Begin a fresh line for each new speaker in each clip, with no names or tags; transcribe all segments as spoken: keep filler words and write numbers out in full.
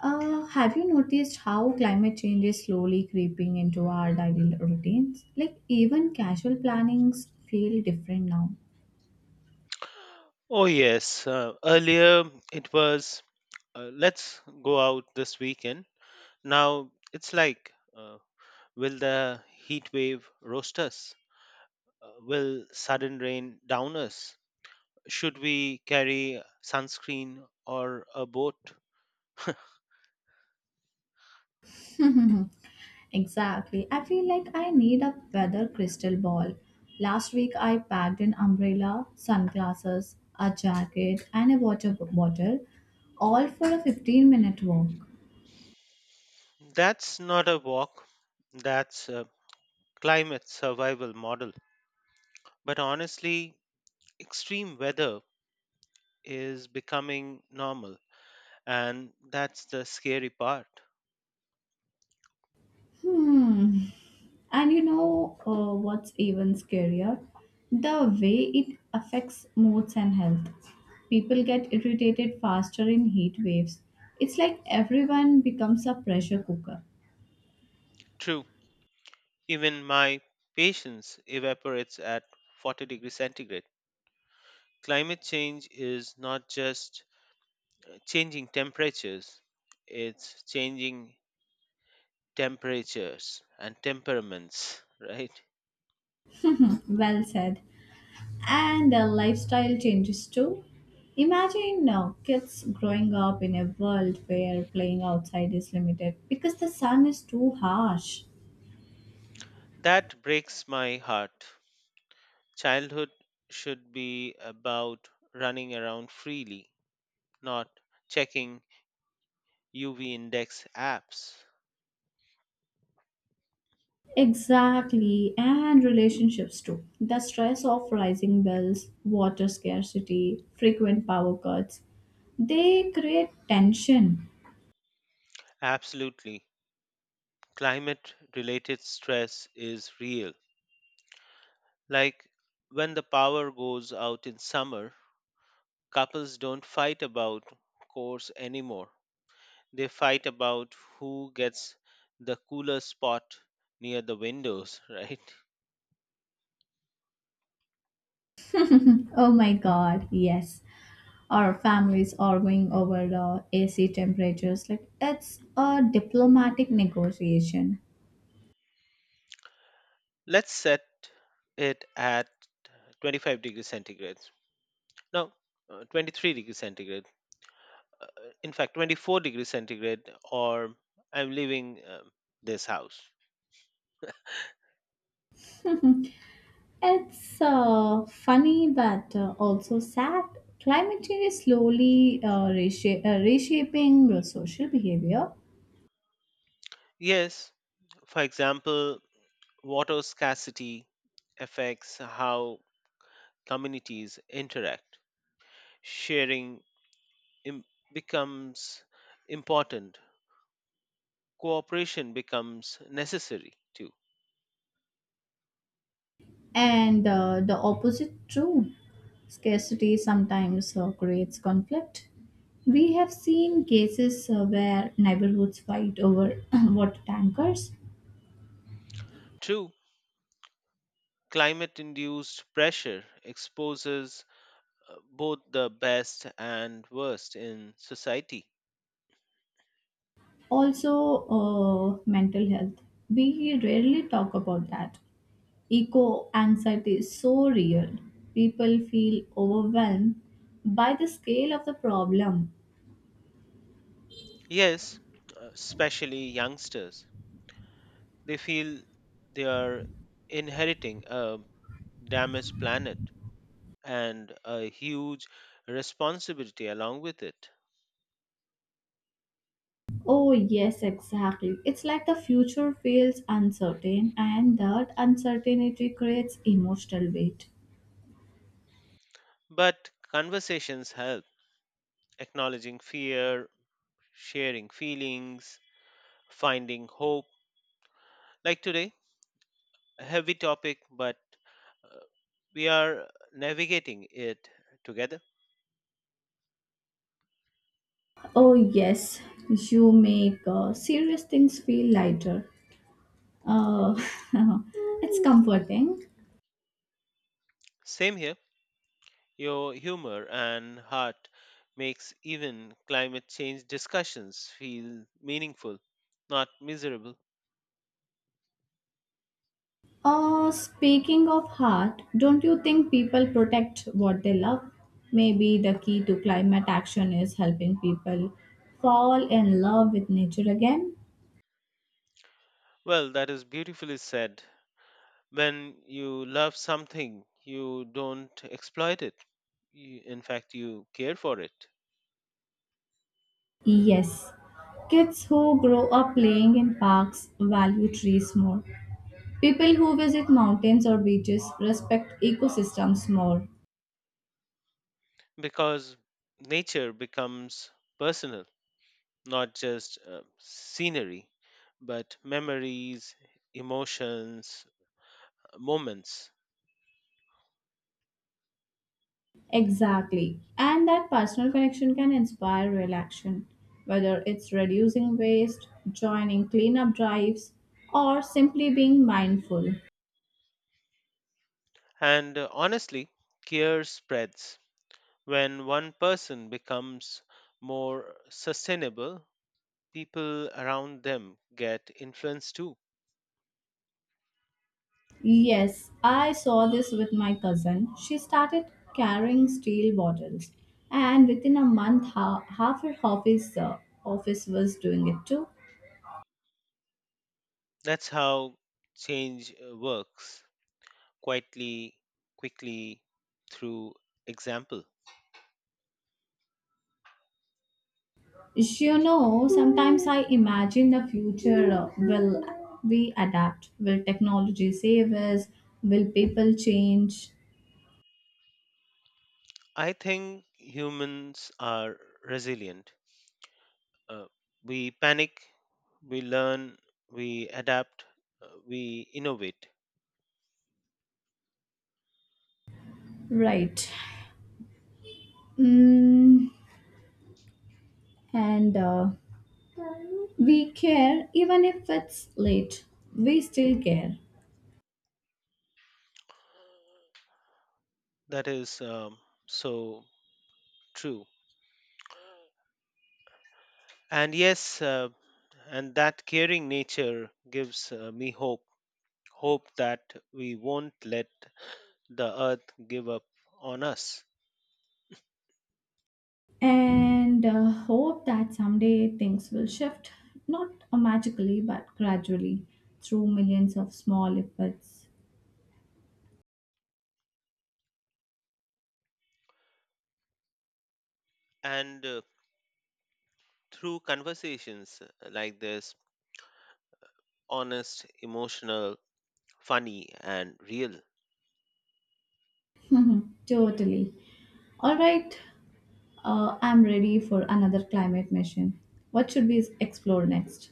Uh, have you noticed how climate change is slowly creeping into our daily routines? Like, even casual plannings feel different now.
Oh, yes. Uh, earlier it was, uh, let's go out this weekend. Now it's like, uh, will the heat wave roast us? Uh, will sudden rain down us? Should we carry sunscreen or a boat?
Exactly. I feel like I need a weather crystal ball. Last week, I packed an umbrella, sunglasses, a jacket, and a water b- bottle, all for a fifteen minute walk.
That's not a walk, that's a climate survival model. But honestly, extreme weather is becoming normal, and that's the scary part.
Hmm. And you know uh, what's even scarier? The way it affects moods and health. People get irritated faster in heat waves. It's like everyone becomes a pressure cooker.
True. Even my patience evaporates at forty degrees centigrade. Climate change is not just changing temperatures, it's changing temperatures and temperaments, right?
Well said. And uh, lifestyle changes too. Imagine now kids growing up in a world where playing outside is limited because the sun is too harsh.
That breaks my heart. Childhood should be about running around freely, not checking U V index apps.
Exactly, and relationships too. The stress of rising bills, water scarcity, frequent power cuts, they create tension.
Absolutely. Climate related stress is real. Like when the power goes out in summer, couples don't fight about course anymore. They fight about who gets the cooler spot near the windows, right?
Oh my god, yes. Our families arguing over the A C temperatures. Like, it's a diplomatic negotiation.
Let's set it at twenty-five degrees centigrade. No, uh, twenty-three degrees centigrade. Uh, in fact, twenty-four degrees centigrade, or I'm leaving um, this house.
It's uh, funny but uh, also sad. Climate change is slowly uh, resha- uh, reshaping social behavior.
Yes, for example, water scarcity affects how communities interact. Sharing im- becomes important, cooperation becomes necessary too.
And uh, the opposite too. Scarcity sometimes uh, creates conflict. We have seen cases uh, where neighborhoods fight over water tankers.
True, climate induced pressure exposes uh, both the best and worst in society.
Also, uh, mental health. We rarely talk about that. Eco anxiety is so real. People feel overwhelmed by the scale of the problem.
Yes, uh, especially youngsters, they feel they are inheriting a damaged planet and a huge responsibility along with it.
Oh, yes, exactly. It's like the future feels uncertain, and that uncertainty creates emotional weight.
But conversations help acknowledging fear, sharing feelings, finding hope. Like today, a heavy topic, but uh, we are navigating it together.
Oh, yes, you make uh, serious things feel lighter. Uh, it's comforting.
Same here, your humor and heart makes even climate change discussions feel meaningful, not miserable.
Uh, speaking of heart, don't you think people protect what they love? Maybe the key to climate action is helping people fall in love with nature again.
Well, that is beautifully said. When you love something, you don't exploit it. You, in fact, you care for it.
Yes, kids who grow up playing in parks value trees more. People who visit mountains or beaches respect ecosystems more.
Because nature becomes personal, not just uh, scenery, but memories, emotions, moments.
Exactly. And that personal connection can inspire real action, whether it's reducing waste, joining cleanup drives, or simply being mindful.
And uh, honestly, care spreads. When one person becomes more sustainable, people around them get influenced too.
Yes, I saw this with my cousin. She started carrying steel bottles, and within a month, ha- half her office uh, office was doing it too.
That's how change uh, works quietly, quickly, through example.
You know, sometimes I imagine the future. Uh, will we adapt? Will technology save us? Will people change?
I think humans are resilient. Uh, we panic, we learn, we adapt, uh, we innovate.
Right. Mm, and uh, we care even if it's late. We still care.
That is um, so true. And yes, uh, and that caring nature gives uh, me hope hope that we won't let the earth give up on us.
And uh, hope that someday things will shift, not uh, magically, but gradually through millions of small efforts.
And uh, through conversations uh, like this, honest, emotional, funny, and real.
Totally. All right, uh, I'm ready for another climate mission. What should we explore next?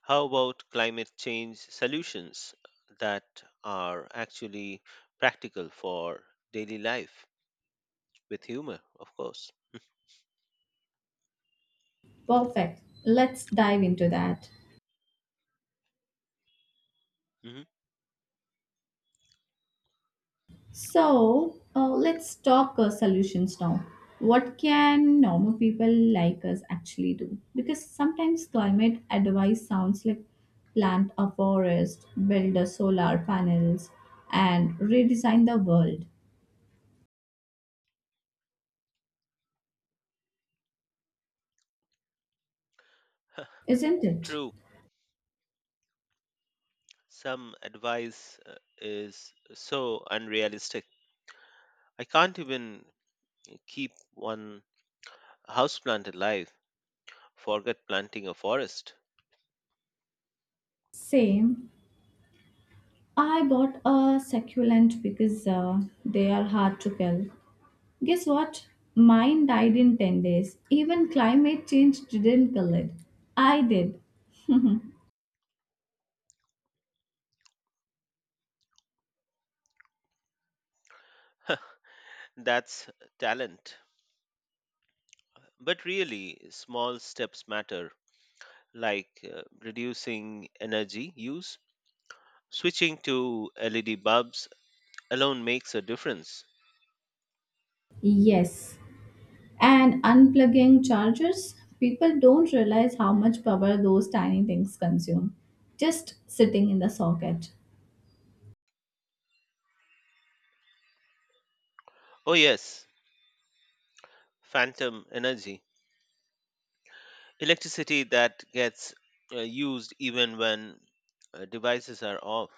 How about climate change solutions that are actually practical for daily life with humor, of course?
Perfect. Let's dive into that.
Hmm.
So uh, let's talk uh, solutions now. What can normal people like us actually do? Because sometimes climate advice sounds like plant a forest, build a solar panels, and redesign the world, isn't it?
True, some advice uh, is so unrealistic. I can't even keep one houseplant alive, forget planting a forest.
Same. I bought a succulent because uh, they are hard to kill. Guess what? Mine died in ten days. Even climate change didn't kill it. I did.
That's talent. But really, small steps matter, like uh, reducing energy use, switching to L E D bulbs alone makes a difference.
Yes, and unplugging chargers, people don't realize how much power those tiny things consume, just sitting in the socket.
Oh, yes, phantom energy. Electricity that gets uh, used even when uh, devices are off.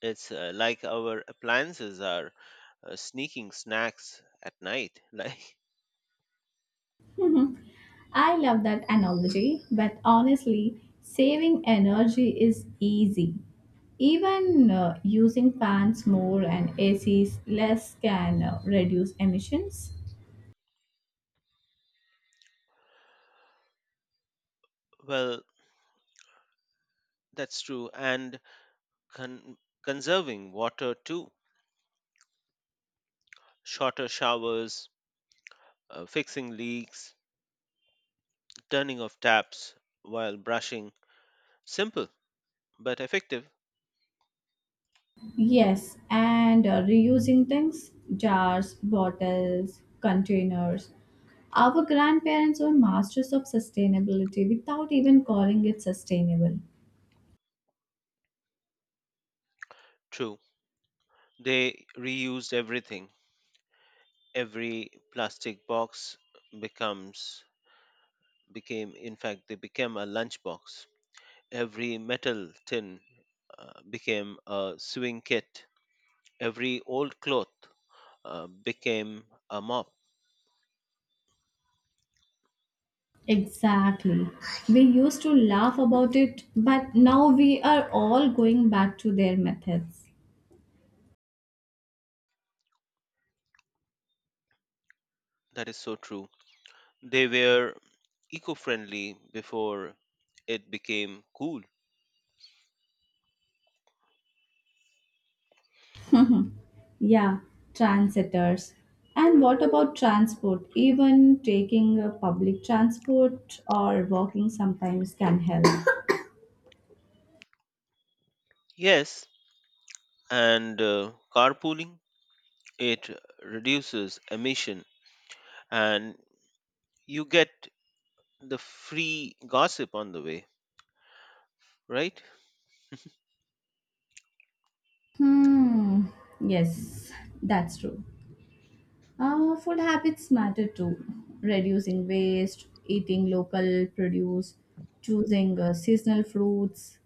It's uh, like our appliances are uh, sneaking snacks at night. Like,
Mhm. I love that analogy, but honestly, saving energy is easy. Even uh, using fans more and A Cs less can uh, reduce emissions.
well, that's true. And con- conserving water too. Shorter showers, uh, fixing leaks, turning off taps while brushing. Simple but effective.
Yes, and uh, reusing things, jars, bottles, containers. Our grandparents were masters of sustainability without even calling it sustainable.
True. They reused everything, every plastic box becomes became in fact they became a lunchbox, every metal tin uh, became a sewing kit, every old cloth uh, became a mop.
Exactly. We used to laugh about it, but now we are all going back to their methods.
That is so true, they were eco-friendly before it became cool.
Yeah, transitors. And what about transport? Even taking uh, public transport or walking sometimes can help.
Yes, and uh, carpooling, it reduces emission and you get the free gossip on the way, right?
Hmm. Yes, that's true. Uh, food habits matter too. Reducing waste, eating local produce, choosing uh, seasonal fruits.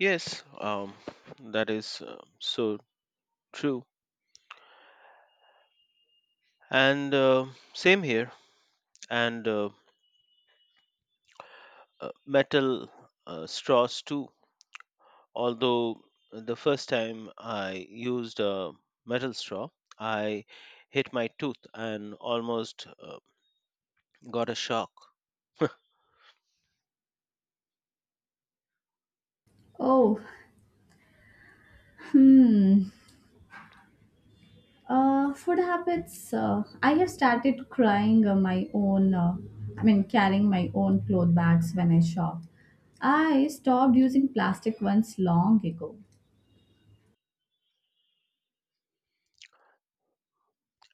Yes, um, that is uh, so true. And uh, same here, and uh, uh, metal uh, straws too. Although the first time I used a metal straw, I hit my tooth and almost uh, got a shock.
Oh, hmm. Uh, food habits. Uh, I have started crying uh, my own. Uh, I mean, carrying my own cloth bags when I shop. I stopped using plastic ones long ago.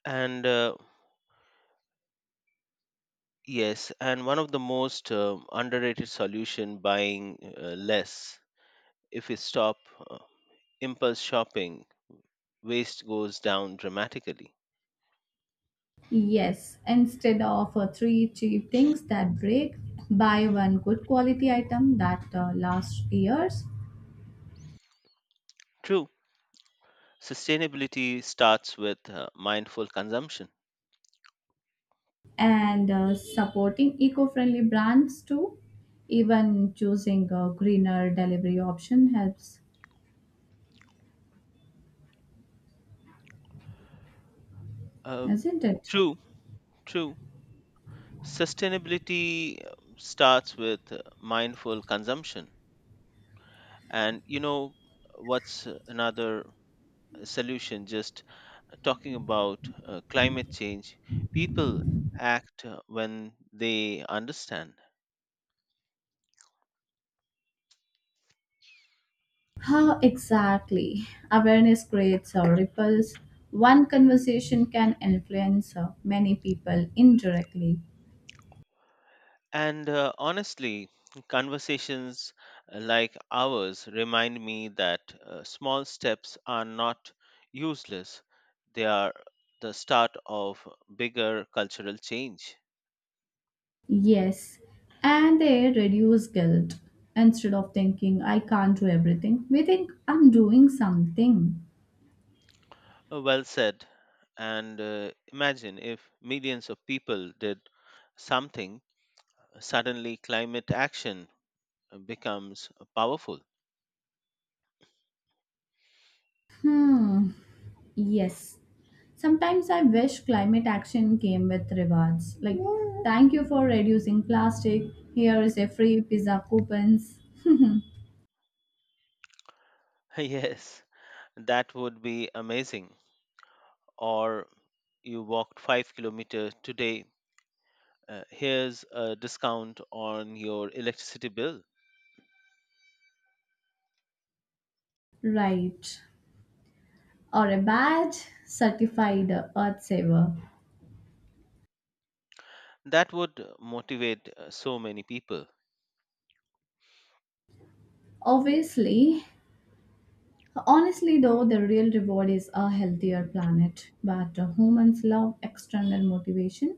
and uh, yes, and one of the most uh, underrated solution buying uh, less. If we stop uh, impulse shopping, waste goes down dramatically.
Yes, instead of uh, three cheap things that break, buy one good quality item that uh, lasts years.
True, sustainability starts with uh, mindful consumption.
And uh, supporting eco friendly brands too. Even choosing a greener delivery option helps,
Uh,
isn't it?
True, true. Sustainability uh, starts with uh, mindful consumption. And you know what's uh, another solution? Just uh, talking about uh, climate change, people act uh, when they understand.
How exactly? Awareness creates or ripples. One conversation can influence uh, many people indirectly.
And uh, honestly, conversations uh, like ours remind me that uh, small steps are not useless, they are the start of bigger cultural change.
Yes, and they reduce guilt. Instead of thinking, I can't do everything, we think, I'm doing something.
Uh, Well said. And uh, imagine if millions of people did something, suddenly climate action becomes powerful.
Hmm, yes. Sometimes I wish climate action came with rewards. Like, thank you for reducing plastic. Here is a free pizza coupons.
yes, that would be amazing. Or you walked five kilometers today, uh, here's a discount on your electricity bill.
Right. Or a badge certified earth saver.
That would uh, motivate uh, so many people.
Obviously, honestly, though, the real reward is a healthier planet. But uh, humans love external motivation.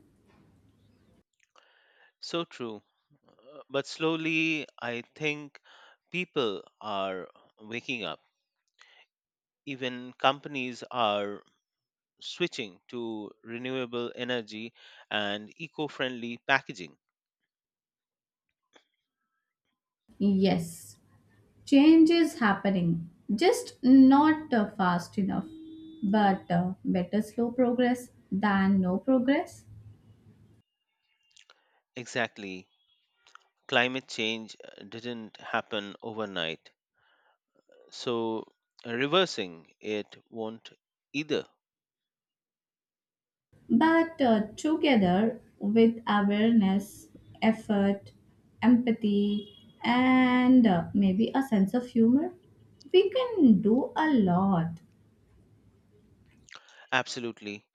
So true. Uh, But slowly, I think people are waking up. Even companies are switching to renewable energy and eco friendly packaging.
Yes, change is happening, just not uh, fast enough. But uh, better slow progress than no progress.
Exactly. Climate change uh, didn't happen overnight. So, uh, reversing it won't either.
But uh, together with awareness, effort, empathy, and uh, maybe a sense of humor, we can do a lot.
Absolutely.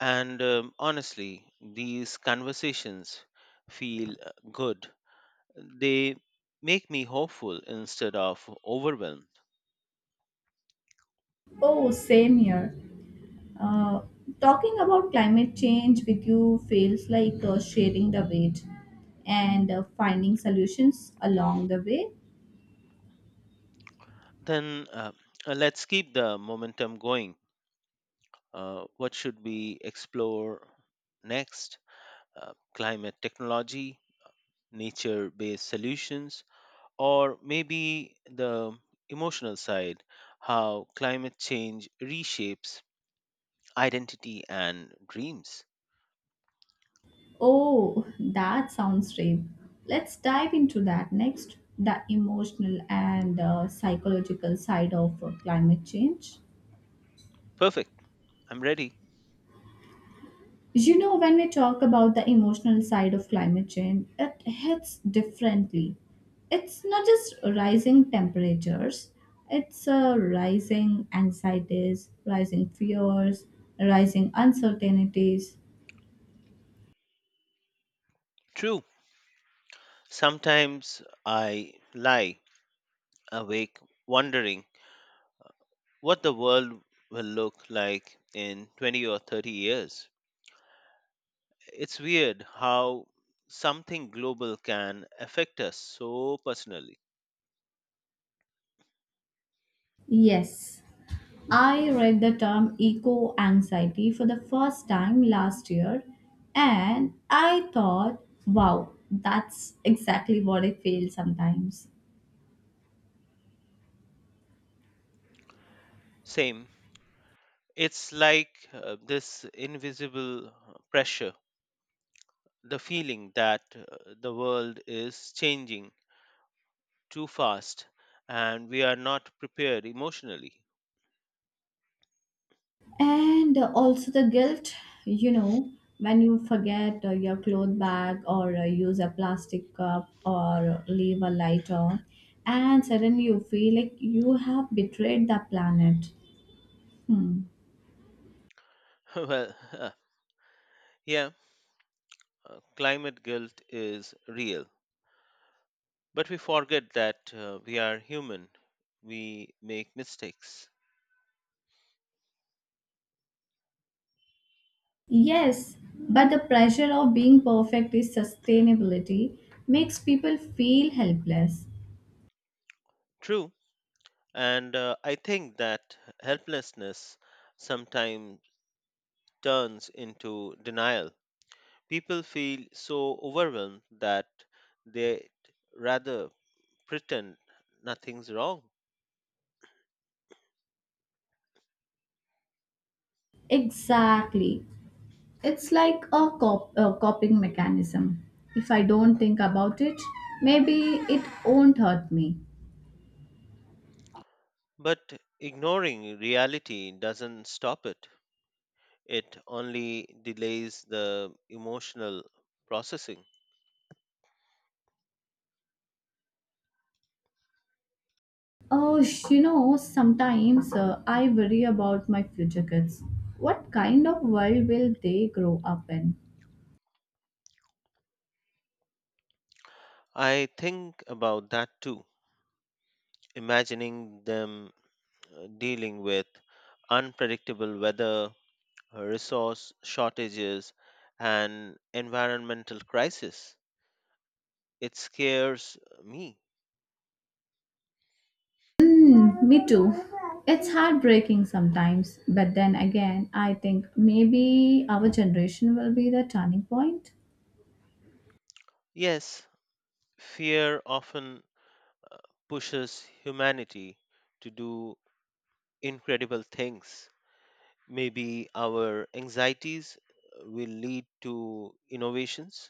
And um, honestly, these conversations feel uh, good. They make me hopeful instead of overwhelmed.
Oh, same here. Uh, Talking about climate change with you feels like uh, sharing the weight and uh, finding solutions along the way.
Then uh, uh, let's keep the momentum going. Uh, what should we explore next? Uh, climate technology, nature based solutions, or maybe the emotional side, how climate change reshapes identity and dreams.
Oh, that sounds brave. Let's dive into that next, the emotional and uh, psychological side of uh, climate change.
Perfect. I'm ready.
You know, when we talk about the emotional side of climate change, it hits differently. It's not just rising temperatures, it's uh, rising anxieties, rising fears, rising uncertainties.
True. Sometimes I lie awake wondering what the world will look like in twenty or thirty years. It's weird how something global can affect us so personally.
Yes, I read the term eco anxiety for the first time last year, and I thought, wow, that's exactly what I feel sometimes.
Same. It's like uh, this invisible uh, pressure, the feeling that uh, the world is changing too fast and we are not prepared emotionally.
And also the guilt, you know, when you forget uh, your cloth bag or uh, use a plastic cup or leave a light on, and suddenly you feel like you have betrayed the planet. Hmm.
well, yeah, Uh, climate guilt is real, but we forget that uh, we are human. We make mistakes.
Yes, but the pressure of being perfect is sustainability makes people feel helpless.
True, and uh, I think that helplessness sometimes turns into denial. People feel so overwhelmed that they rather pretend nothing's wrong.
Exactly. It's like a, cop- a coping mechanism. If I don't think about it, maybe it won't hurt me.
But ignoring reality doesn't stop it, it only delays the emotional processing.
Oh, sh- you know, sometimes uh, I worry about my future kids. What kind of world will they grow up in?
I think about that too, imagining them uh, dealing with unpredictable weather, uh, resource shortages, and environmental crisis. It scares me.
Mm, me too. It's heartbreaking sometimes, but then again, I think maybe our generation will be the turning point.
Yes, fear often pushes humanity to do incredible things. Maybe our anxieties uh, will lead to innovations.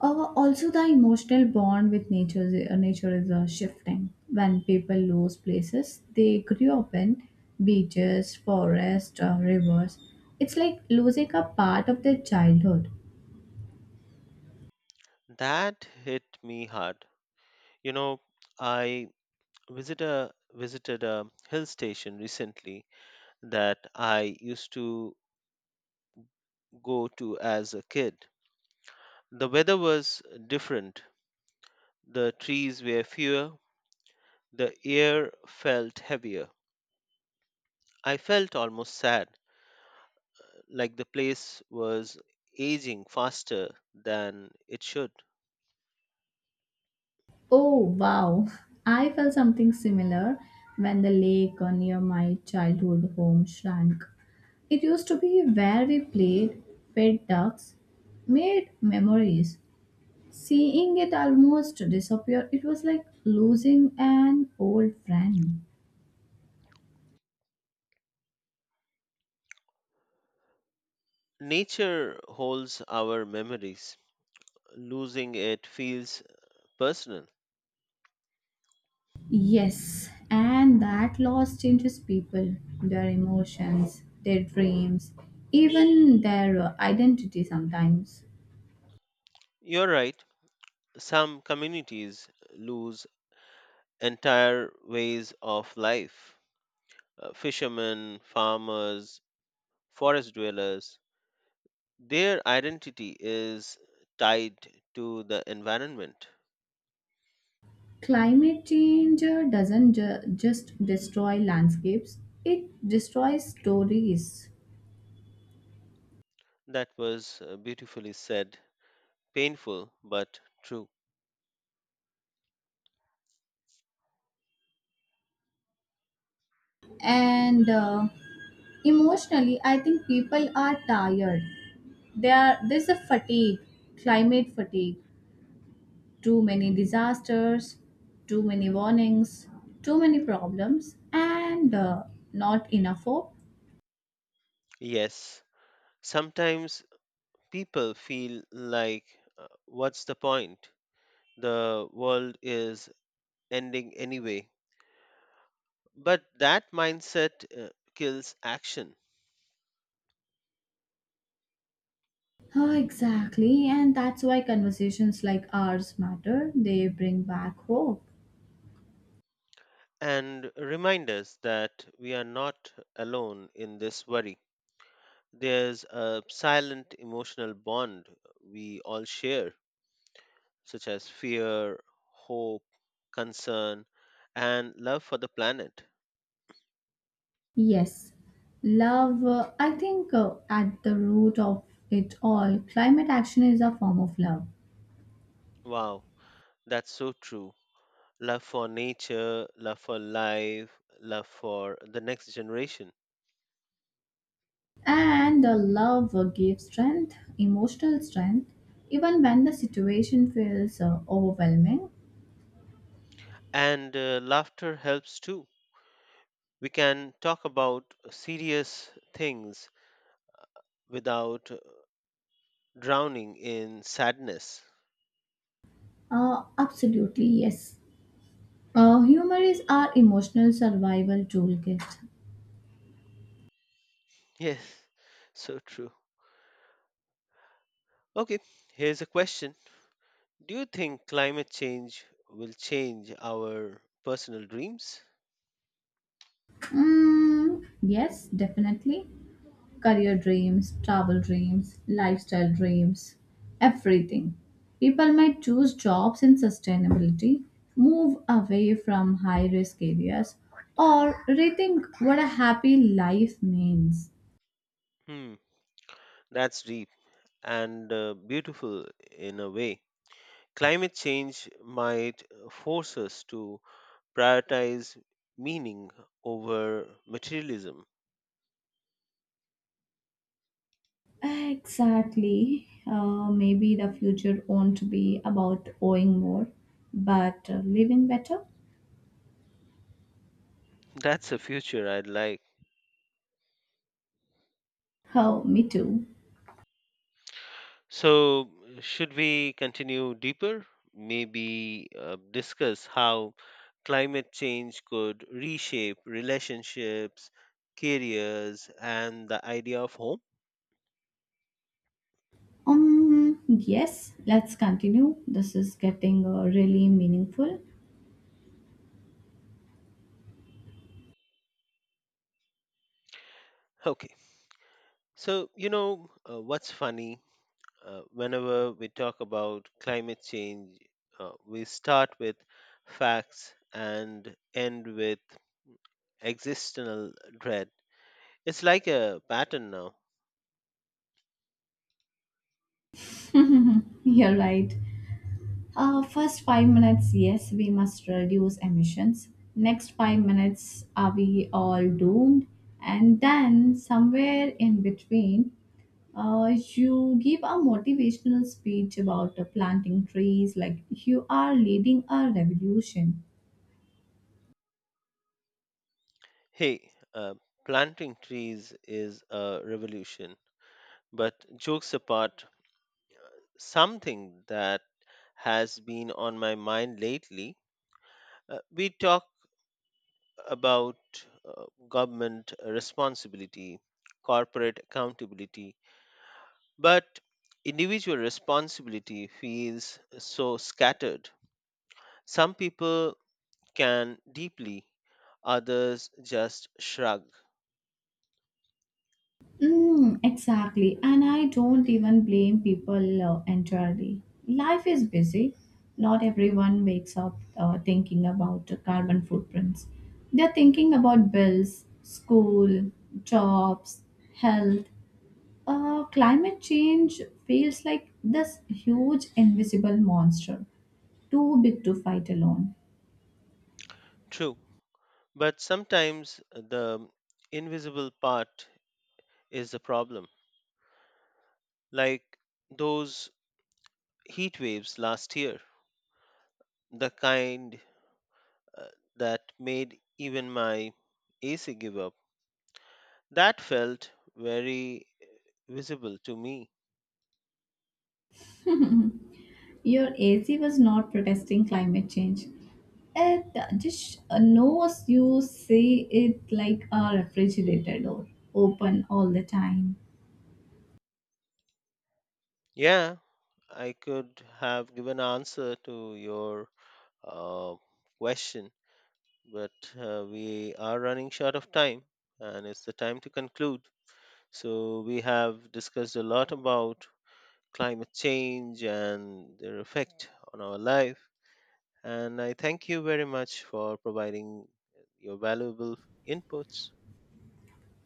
Uh, also, the emotional bond with nature, is- uh, nature is uh, shifting. When people lose places they grew up in, beaches, forests, uh, rivers, it's like losing a part of their childhood.
That hit me hard. You know, I visit a visited a hill station recently that I used to go to as a kid. The weather was different. The trees were fewer, the air felt heavier. I felt almost sad, like the place was aging faster than it should.
Oh, wow. I felt something similar when the lake near my childhood home shrank. It used to be where we played, fed ducks, made memories. Seeing it almost disappear, it was like losing an old friend.
Nature holds our memories. Losing it feels personal.
Yes, and that loss changes people, their emotions, their dreams, even their identity sometimes.
You're right. Some communities lose entire ways of life. Uh, fishermen, farmers, forest dwellers, their identity is tied to the environment.
Climate change uh, doesn't ju- just destroy landscapes, it destroys stories.
That was uh, beautifully said, painful but true.
And uh, emotionally, I think people are tired. They are, there's a fatigue, climate fatigue, too many disasters, too many warnings, too many problems, and uh, not enough hope.
Yes, sometimes people feel like, uh, what's the point? The world is ending anyway. But that mindset uh, kills action,
Oh, exactly, and that's why conversations like ours matter. They bring back hope.
and remind us that we are not alone in this worry. There's a silent emotional bond we all share, such as fear, hope, concern, and love for the planet.
Yes, love, uh, I think uh, at the root of it all, climate action is a form of love.
Wow, that's so true. Love for nature, love for life, love for the next generation.
And the love uh, gives strength, emotional strength, even when the situation feels uh, overwhelming.
And uh, laughter helps too. We can talk about serious things without drowning in sadness.
Uh, absolutely, yes. Uh, humor is our emotional survival toolkit.
Yes, so true. Okay, here's a question. Do you think climate change will change our personal dreams?
Mm, yes, definitely. Career dreams, travel dreams, lifestyle dreams, everything. People might choose jobs in sustainability, move away from high risk areas, or rethink what a happy life means.
Hmm, that's deep and uh, beautiful in a way. Climate change might force us to prioritize meaning over materialism.
Exactly. Uh, maybe the future won't be about owing more, but uh, living better.
That's a future I'd like.
Oh, me too.
So, should we continue deeper? Maybe uh, discuss how climate change could reshape relationships, careers, and the idea of home?
Um, yes, let's continue. This is getting uh, really meaningful.
Okay. So, you know, uh, what's funny? Uh, whenever we talk about climate change, uh, we start with facts and end with existential dread. It's like a pattern now.
You're right. Uh, first five minutes, yes, we must reduce emissions. Next five minutes, are we all doomed? And then somewhere in between, uh, you give a motivational speech about uh, planting trees, like you are leading a revolution.
Hey, uh, planting trees is a revolution. But jokes apart, something that has been on my mind lately, uh, we talk about uh, government responsibility, corporate accountability, but individual responsibility feels so scattered. Some people can deeply, others just shrug.
Mm, exactly. And I don't even blame people uh, entirely. Life is busy. Not everyone wakes up uh, thinking about uh, carbon footprints. They're thinking about bills, school, jobs, health. Uh, climate change feels like this huge invisible monster, too big to fight alone.
True. But sometimes the invisible part is the problem, like those heat waves last year, the kind uh, that made even my A C give up. That felt very uh, visible to me.
Your A C was not protesting climate change. It just knows you say it like a refrigerator door, open all the time.
Yeah, I could have given answer to your uh, question, but uh, we are running short of time and it's the time to conclude. So we have discussed a lot about climate change and their effect on our life. And I thank you very much for providing your valuable inputs.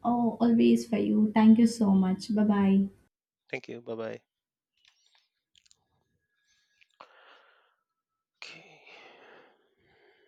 Oh, always for you. Thank you so much. Bye bye.
Thank you. Bye bye. Okay.